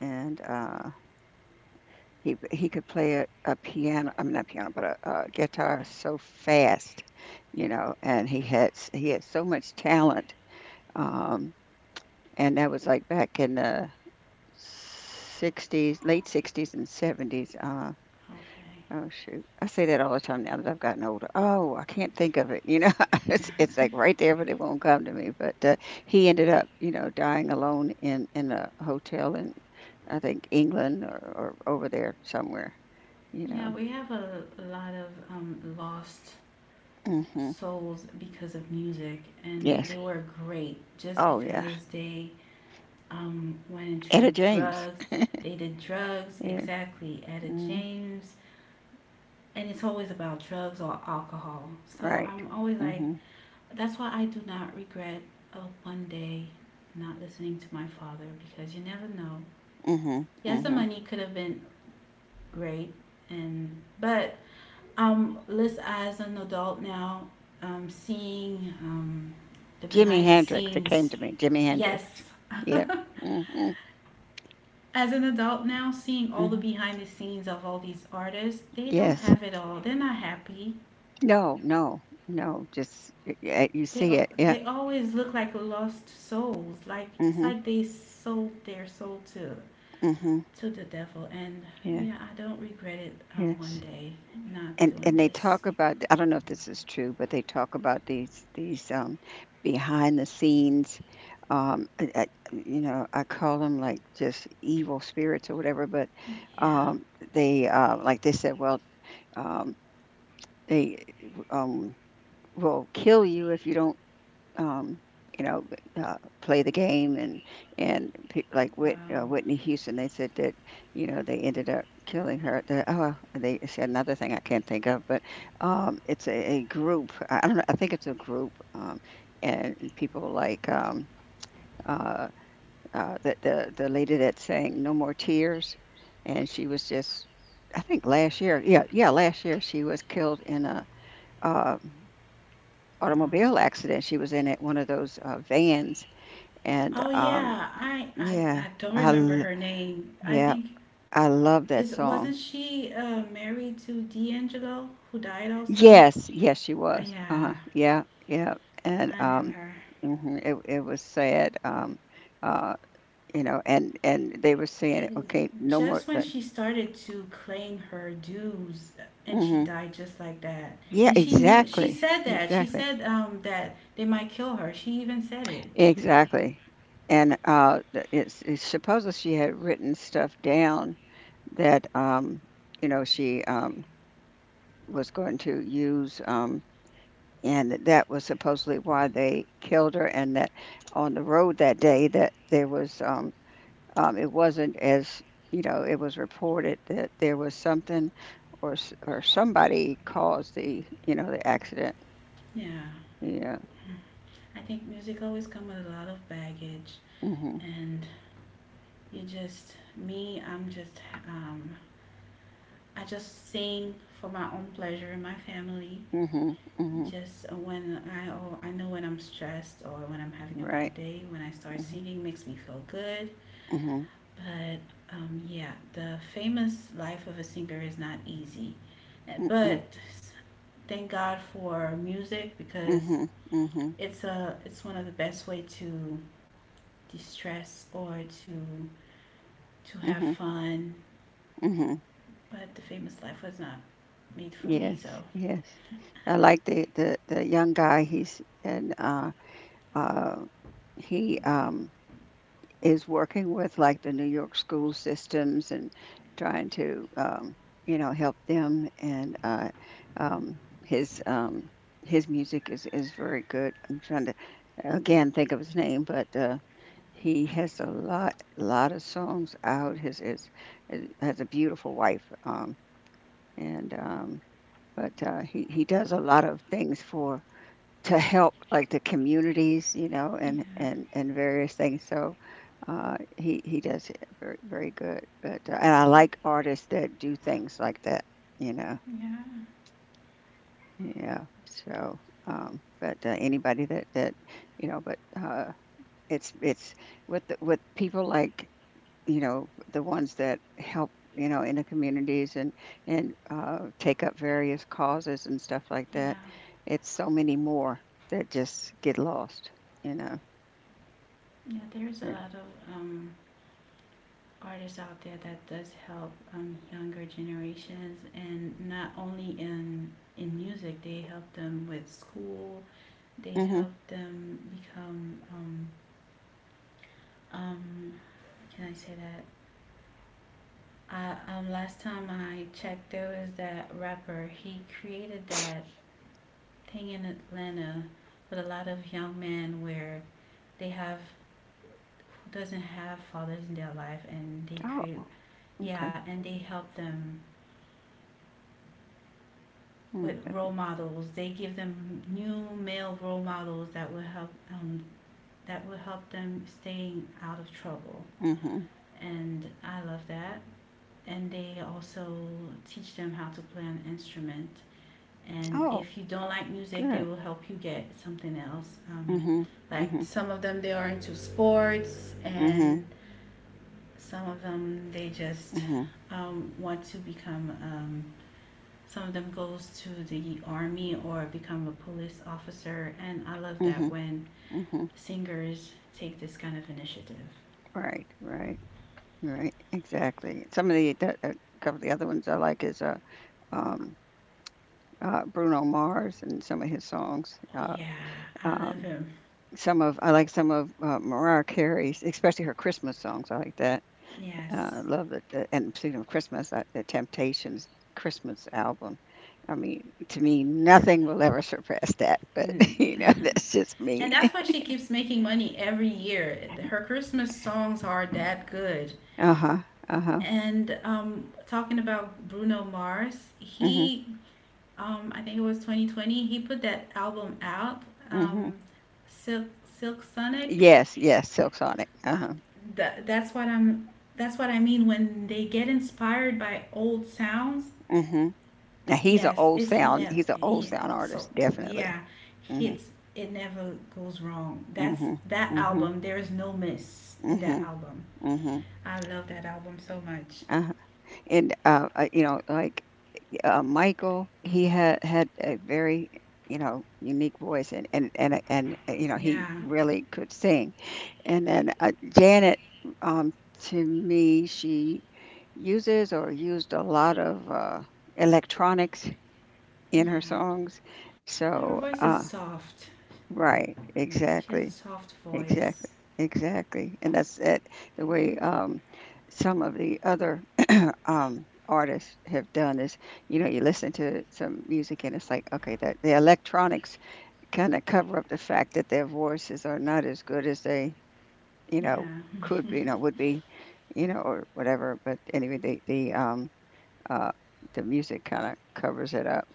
and he could play a piano, I mean not piano, but a guitar so fast, you know, and he had so much talent, um and that was like back in the 60s, late 60s and 70s.
Okay.
Oh shoot. I say that all the time now that I've gotten older. Oh, I can't think of it. You know, it's like right there, but it won't come to me. But he ended up, you know, dying alone in a hotel in, I think, England or, over there somewhere. You
Yeah,
know.
we have a lot of lost
Hmm.
souls because of music, and
Yes.
they were great just
Oh yeah.
because they went
Etta
into
James.
drugs. They did drugs
Yeah.
exactly at a
Mm,
James, and it's always about drugs or alcohol. So
right.
I'm always like,
Hmm.
that's why I do not regret of one day not listening to my father, because you never know.
Hmm.
Yes, the
Hmm.
money could have been great, and but list as an adult now, seeing the
Jimi
behind the
Hendrix. It came
scenes.
to me. Jimi Hendrix.
Yes,
Yep. Hmm.
as an adult now, seeing all the
Hmm.
behind the scenes of all these artists, they don't
Yes.
have it all. They're not happy.
No, no, no, just y yeah, you
They
see
al-
it. Yeah.
they always look like lost souls. Like, it's
Mhm,
like they sold their soul to
mhm.
the devil. And
Yeah,
yeah, I don't regret it one
yes.
day not
And
doing
and they
this.
talk about, I don't know if this is true, but they talk about behind the scenes, I you know, I call them, like, just evil spirits or whatever, but,
Yeah.
um, they, like they said, well, um, they, um, will kill you if you don't, um, you know, play the game, and like
Wow.
Whitney Houston, they said that you know they ended up killing her. The, oh, they, it's another thing I can't think of, but, it's a group. I don't know. I think it's a group, and people like, uh, the lady that sang "No More Tears," and she was just. I think last year, yeah, yeah, last year she was killed in a uh,
Wow.
automobile accident. She was in it, one of those vans and,
Oh yeah. I I,
yeah,
I don't
I
remember
l
her name. I
yeah,
think
I love that
is, wasn't
song.
she married to D'Angelo, who died also?
Yes, yes, she was.
Yeah.
Yeah, yeah. And,
I knew her.
mhm, it was sad. Uh, you know, and they were saying, okay, no more.
Just when
Like,
she started to claim her dues, and she
mhm.
died just like that.
Yeah,
And she knew, she
exactly,
said that. She
exactly,
said that they might kill her. She even said it.
exactly. And, it's supposedly she had written stuff down that, you know she, was going to use, and that was supposedly why they killed her, and that on the road that day that there was, it wasn't as, you know, it was reported that there was something, or somebody caused the, you know, the accident,
Yeah.
yeah.
I think music always comes with a lot of baggage,
Mhm.
and you just me, I'm just um I just sing for my own pleasure and my family.
Mhm. Mhm.
Just when I oh, I know when I'm stressed or when I'm having
You're
a
right.
bad day, when I start
Mhm.
singing makes me feel good.
Mhm.
But yeah, the famous life of a singer is not easy.
Mhm.
But thank God for music, because
Mhm. Mhm.
it's one of the best way to distress, or to have
Mhm.
fun.
Mhm.
But the famous life was not made for me,
Yes.
so
Yes. I like the young guy, he's and uh uh he, is working with, like, the New York school systems and trying to, you know, help them, and, um, his, his music is very good. I'm trying to again think of his name, but, he has a lot of songs out. His is has a beautiful wife, and, but, he does a lot of things for to help, like, the communities, you know,
yeah,
and various things. So, he does it very very good. But, and I like artists that do things like that, you know.
yeah,
Yeah. So, but, anybody that, you know, but, it's with the, with people, like, you know, the ones that help, you know, in the communities and, take up various causes and stuff like
yeah,
that. It's so many more that just get lost, you know.
yeah. There's a
Mm.
lot of um, artists out there that does help younger generations, and not only in music, they help them with school, they
Mhm.
help them become um can I say that? I, last time I checked, there was that rapper. He created that thing in Atlanta with a lot of young men, where they have who doesn't have fathers in their life, and they create,
Oh, okay.
yeah, and they help them
Mm,
with
that.
role models. They give them new male role models that will help them staying out of trouble.
Mhm.
And I love that. And they also teach them how to play an instrument. And
Oh,
if you don't like music, they
good.
will help you get something else.
Mm.
Like
Mhm.
some of them, they are into sports,
Mm. Mhm. Mm. Mhm.
and some of them, they
Mm.
just
Mhm.
want to become some of them goes to the army or become a police officer, and I love that
Mhm.
when
Mhm.
singers take this kind of initiative.
Right, right, right. Exactly. Some of the a couple of the other ones I like is, um, Bruno Mars and some of his songs,
Oh yeah, I love
um
him.
Some of I like some of, Mariah Carey's, especially her Christmas songs, I like that. I
Yes.
love that that and speaking of Christmas, The Temptations' Christmas album. I mean, to me, nothing will ever surpass that, but,
Mm.
you know, that's just
And
me.
that's why she keeps making money every year. Her Christmas songs are that good.
Uh-huh, uh-huh.
And talking about Bruno Mars,
Mhm,
he, I think it was 2020, he put that album out,
mhm.
um, Silk, Silk Sonic.
Yes, yes, Silk Sonic. Uh-huh.
That's what I'm. That's what I mean when they get inspired by old sounds.
Mhm. Now
Yes, it's never.
he's an old
Yeah,
sound
so
artist, definitely.
yeah,
Mhm,
it's it never goes wrong. That's
mhm,
that
mhm,
album. There is no miss in that
mhm,
album.
mhm.
I love that album so much.
Uh-huh. And, you know, like, Michael, he had had a very, you know, unique voice, and you know, he
Yeah,
really could sing. And then, Janet, um, to me, she uses or used a lot of, electronics in her
yeah.
songs.
Her
So,
voice is soft.
right,
She has a
exactly,
soft voice.
exactly, exactly, and that's it. The way, some of the other, artists have done is, you know, you listen to some music and it's like, okay, that the electronics kind of cover up the fact that their voices are not as good as they, you know,
Yeah,
could be, you know, would be, you know, or whatever. But anyway, uh the music kind of covers it up.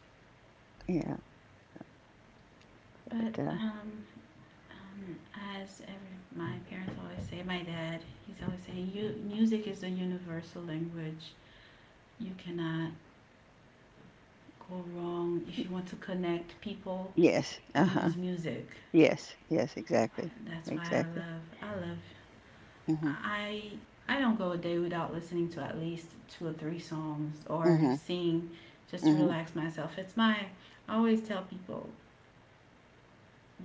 Yeah.
but
But,
Um, as every, my parents always say, my dad, he's always saying, you, music is a universal language. You cannot go wrong. If you want to connect people,
yes. Uh huh.
use music.
Yes. Yes. Exactly.
That's why
Exactly. Mhm.
I, I don't go a day without listening to at least two or three songs or
Mhm.
sing just to
Mhm.
relax myself. I always tell people,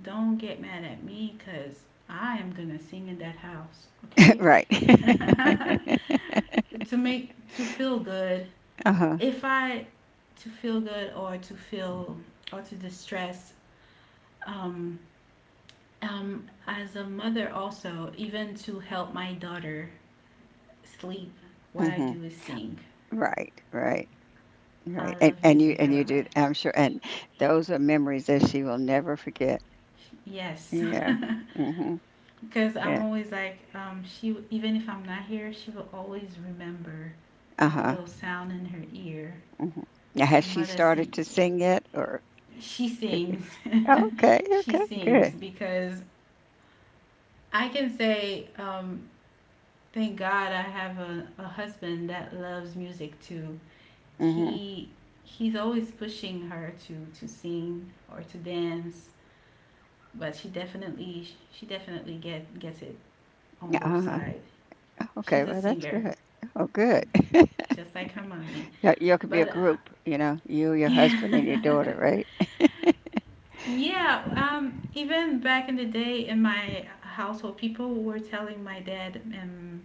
don't get mad at me because I am going to sing in that house, okay?
Right.
To make, to feel good,
Uh huh.
if I, to feel good, or to feel, or to distress, um as a mother also, even to help my daughter sleep, what I
Mhm.
do is sing.
Right. Right. Right,
I love
and
music a
you do,
lot.
I'm sure, and those are memories that she will never forget.
Yes,
Yeah. Mhm.
because I'm
Yeah.
always like, she, even if I'm not here, she will always remember that
Uh-huh.
little sound in her ear.
Mhm. Now has
Our
she
mother
started
sing,
to sing yet, or,
she sings.
Tiffany? Okay,
She
okay,
sings,
good.
because I can say, thank God I have a husband that loves music too.
Mhm.
He he's always pushing her to, sing or to dance, but she definitely gets it on both
Uh-huh.
sides.
Okay,
She's a
well that's
singer,
good. Oh, good.
just like her mommy.
you Y'all could be a
But
group, you know, you, your
yeah,
husband, and your daughter, right?
yeah. Even back in the day, in my household, people were telling my dad and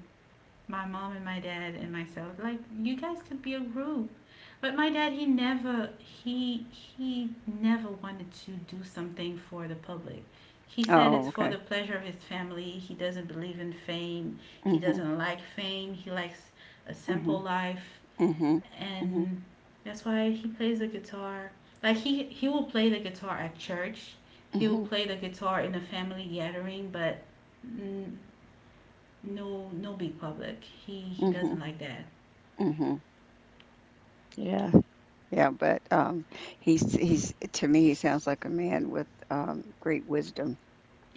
my mom and my dad and myself, like, you guys could be a group, but my dad, he never wanted to do something for the public. He said
Oh,
it's for
okay.
the pleasure of his family, he doesn't believe in fame, he
Mhm.
doesn't like fame, he likes a simple
Mhm.
life,
Mhm. Mhm.
and that's why he plays the guitar. Like, he will play the guitar at church, he will
Mhm.
play the guitar in a family gathering, but mm, no, no big public. He doesn't
Mhm.
like that.
Mhm. Yeah. Yeah, but, he's to me he sounds like a man with, great wisdom,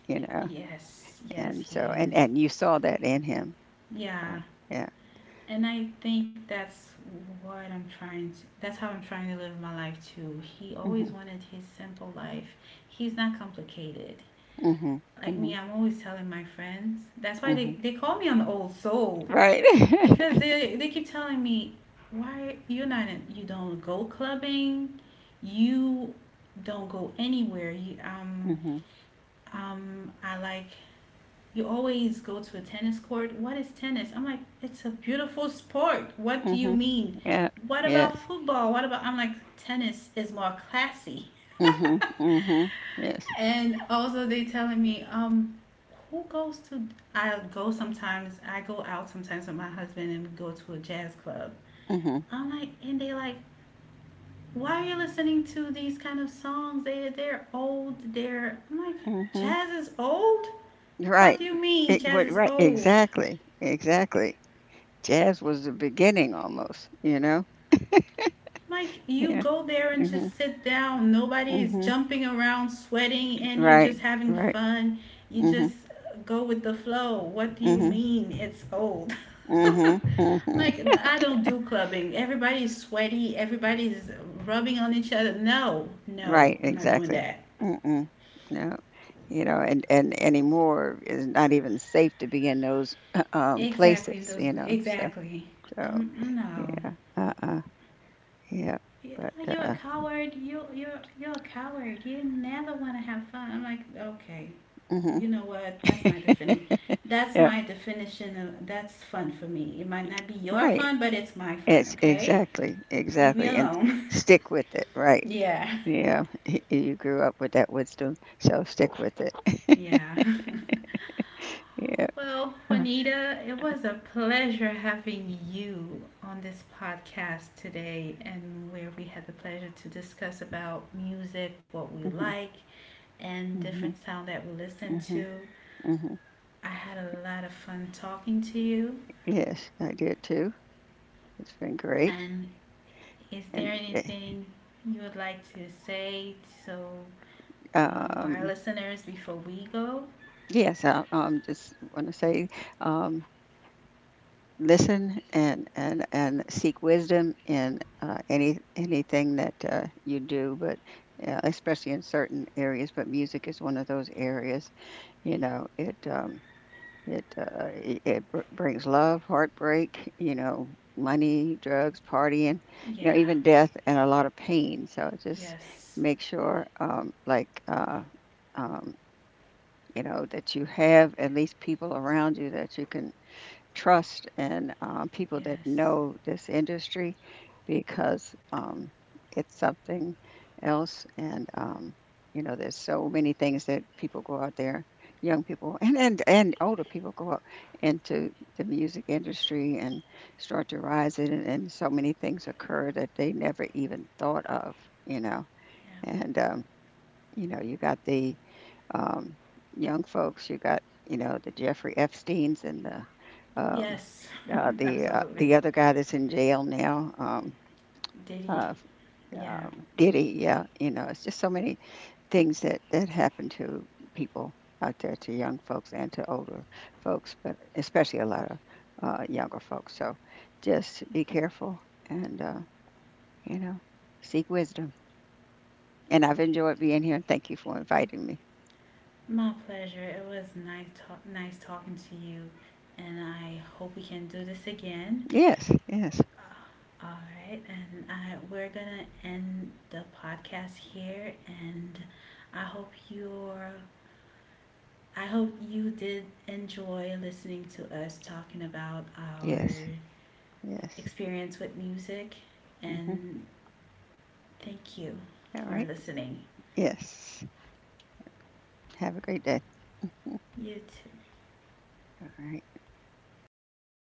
you know,
Yes, yes,
and
he
so,
is.
and you saw that in him.
Yeah,
So, yeah.
and I think that's what I'm trying to. That's how I'm trying to live my life too. He always
Mhm.
wanted his simple life. He's not complicated.
Mhm.
Like me,
Mhm.
I'm always telling my friends. That's why they,
Mhm.
they call me an old soul,
Right.
because they keep telling me, why you're not in, you don't go clubbing, you don't go anywhere? You
Mhm.
I like you always go to a tennis court. What is tennis? I'm like, it's a beautiful sport. What do you
Mhm.
mean?
Yeah.
What about
Yes.
football? What about? I'm like, tennis is more classy.
Mhm. Mhm. Yes.
And also, they telling me, who goes to? I go sometimes. I go out sometimes with my husband, and we go to a jazz club.
Mhm.
I'm like, and they like, why are you listening to these kind of songs? They they're old. They're I'm like,
Mhm.
jazz is old. What
Right.
do you mean jazz is
Right.
old?
Exactly. Exactly. Jazz was the beginning almost. You know.
Like, you
Yeah.
go there and
Mhm.
just sit down. Nobody is
Mhm.
jumping around, sweating, and you're
Right.
just having
Right.
fun. You
Mhm.
just go with the flow. What do you
Mhm.
mean it's old?
Mhm, mhm.
Like, I don't do clubbing. Everybody's sweaty. Everybody's rubbing on each other. No, no,
Right,
I'm not doing
exactly.
that.
Mm-mm. No. You know, and anymore it's not even safe to be in those
Exactly.
places,
Those
you know.
exactly.
So,
No.
yeah. Uh-uh. Yeah.
Yeah,
But
you a coward. You're a coward. You never want to have fun. I'm like, okay,
mhm.
you know what? That's my definition. That's
Yeah,
my definition of that's fun for me. It might not be your
right.
fun, but it's my fun.
It's
Okay,
exactly,
leave me
exactly. And
alone.
stick with it, right.
Yeah,
Yeah. You grew up with that wisdom, so stick with it.
yeah.
Yeah.
Well,
Uh,
Juanita, it was a pleasure having you on this podcast today, and where we had the pleasure to discuss about music, what we
mhm.
like, and different
Mhm.
sound that we listen
Mhm.
to.
Mhm.
I had a lot of fun talking to you.
Yes, I did too. It's been great.
And is there
And,
anything you would like to say to our
um,
listeners before we go?
yes, I, just want to say, um, listen, and seek wisdom in, anything that, you do, but, especially in certain areas. But music is one of those areas. You know, it brings love, heartbreak. You know, money, drugs, partying. You know,
Yeah.
even death and a lot of pain. So just
Yes.
make sure, like, um, you know, that you have at least people around you that you can trust, and, people that
Yes.
know this industry, because, it's something else. And, you know, there's so many things that people go out there, young people and older people go out into the music industry and start to rise in it. And so many things occur that they never even thought of, you know.
Yeah.
And, you know, you got the, um, young folks. You got, you know, the Jeffrey Epstein's and the, um,
Yes. Absolutely.
the other guy that's in jail now.
Diddy.
Uh,
Yeah.
um, Diddy, yeah, you know, it's just so many things that happen to people out there, to young folks and to older folks, but especially a lot of, younger folks. So just be careful and, you know, seek wisdom. And I've enjoyed being here, and thank you for inviting me.
My pleasure. It was nice, nice talking to you, and I hope we can do this again.
Yes, yes,
All right, and we're gonna end the podcast here, and I hope you're, I hope you did enjoy listening to us talking about our
yes, yes.
experience with music,
Mhm.
and thank you
All
for
right.
listening.
Yes. Have a great day. All
You too.
right.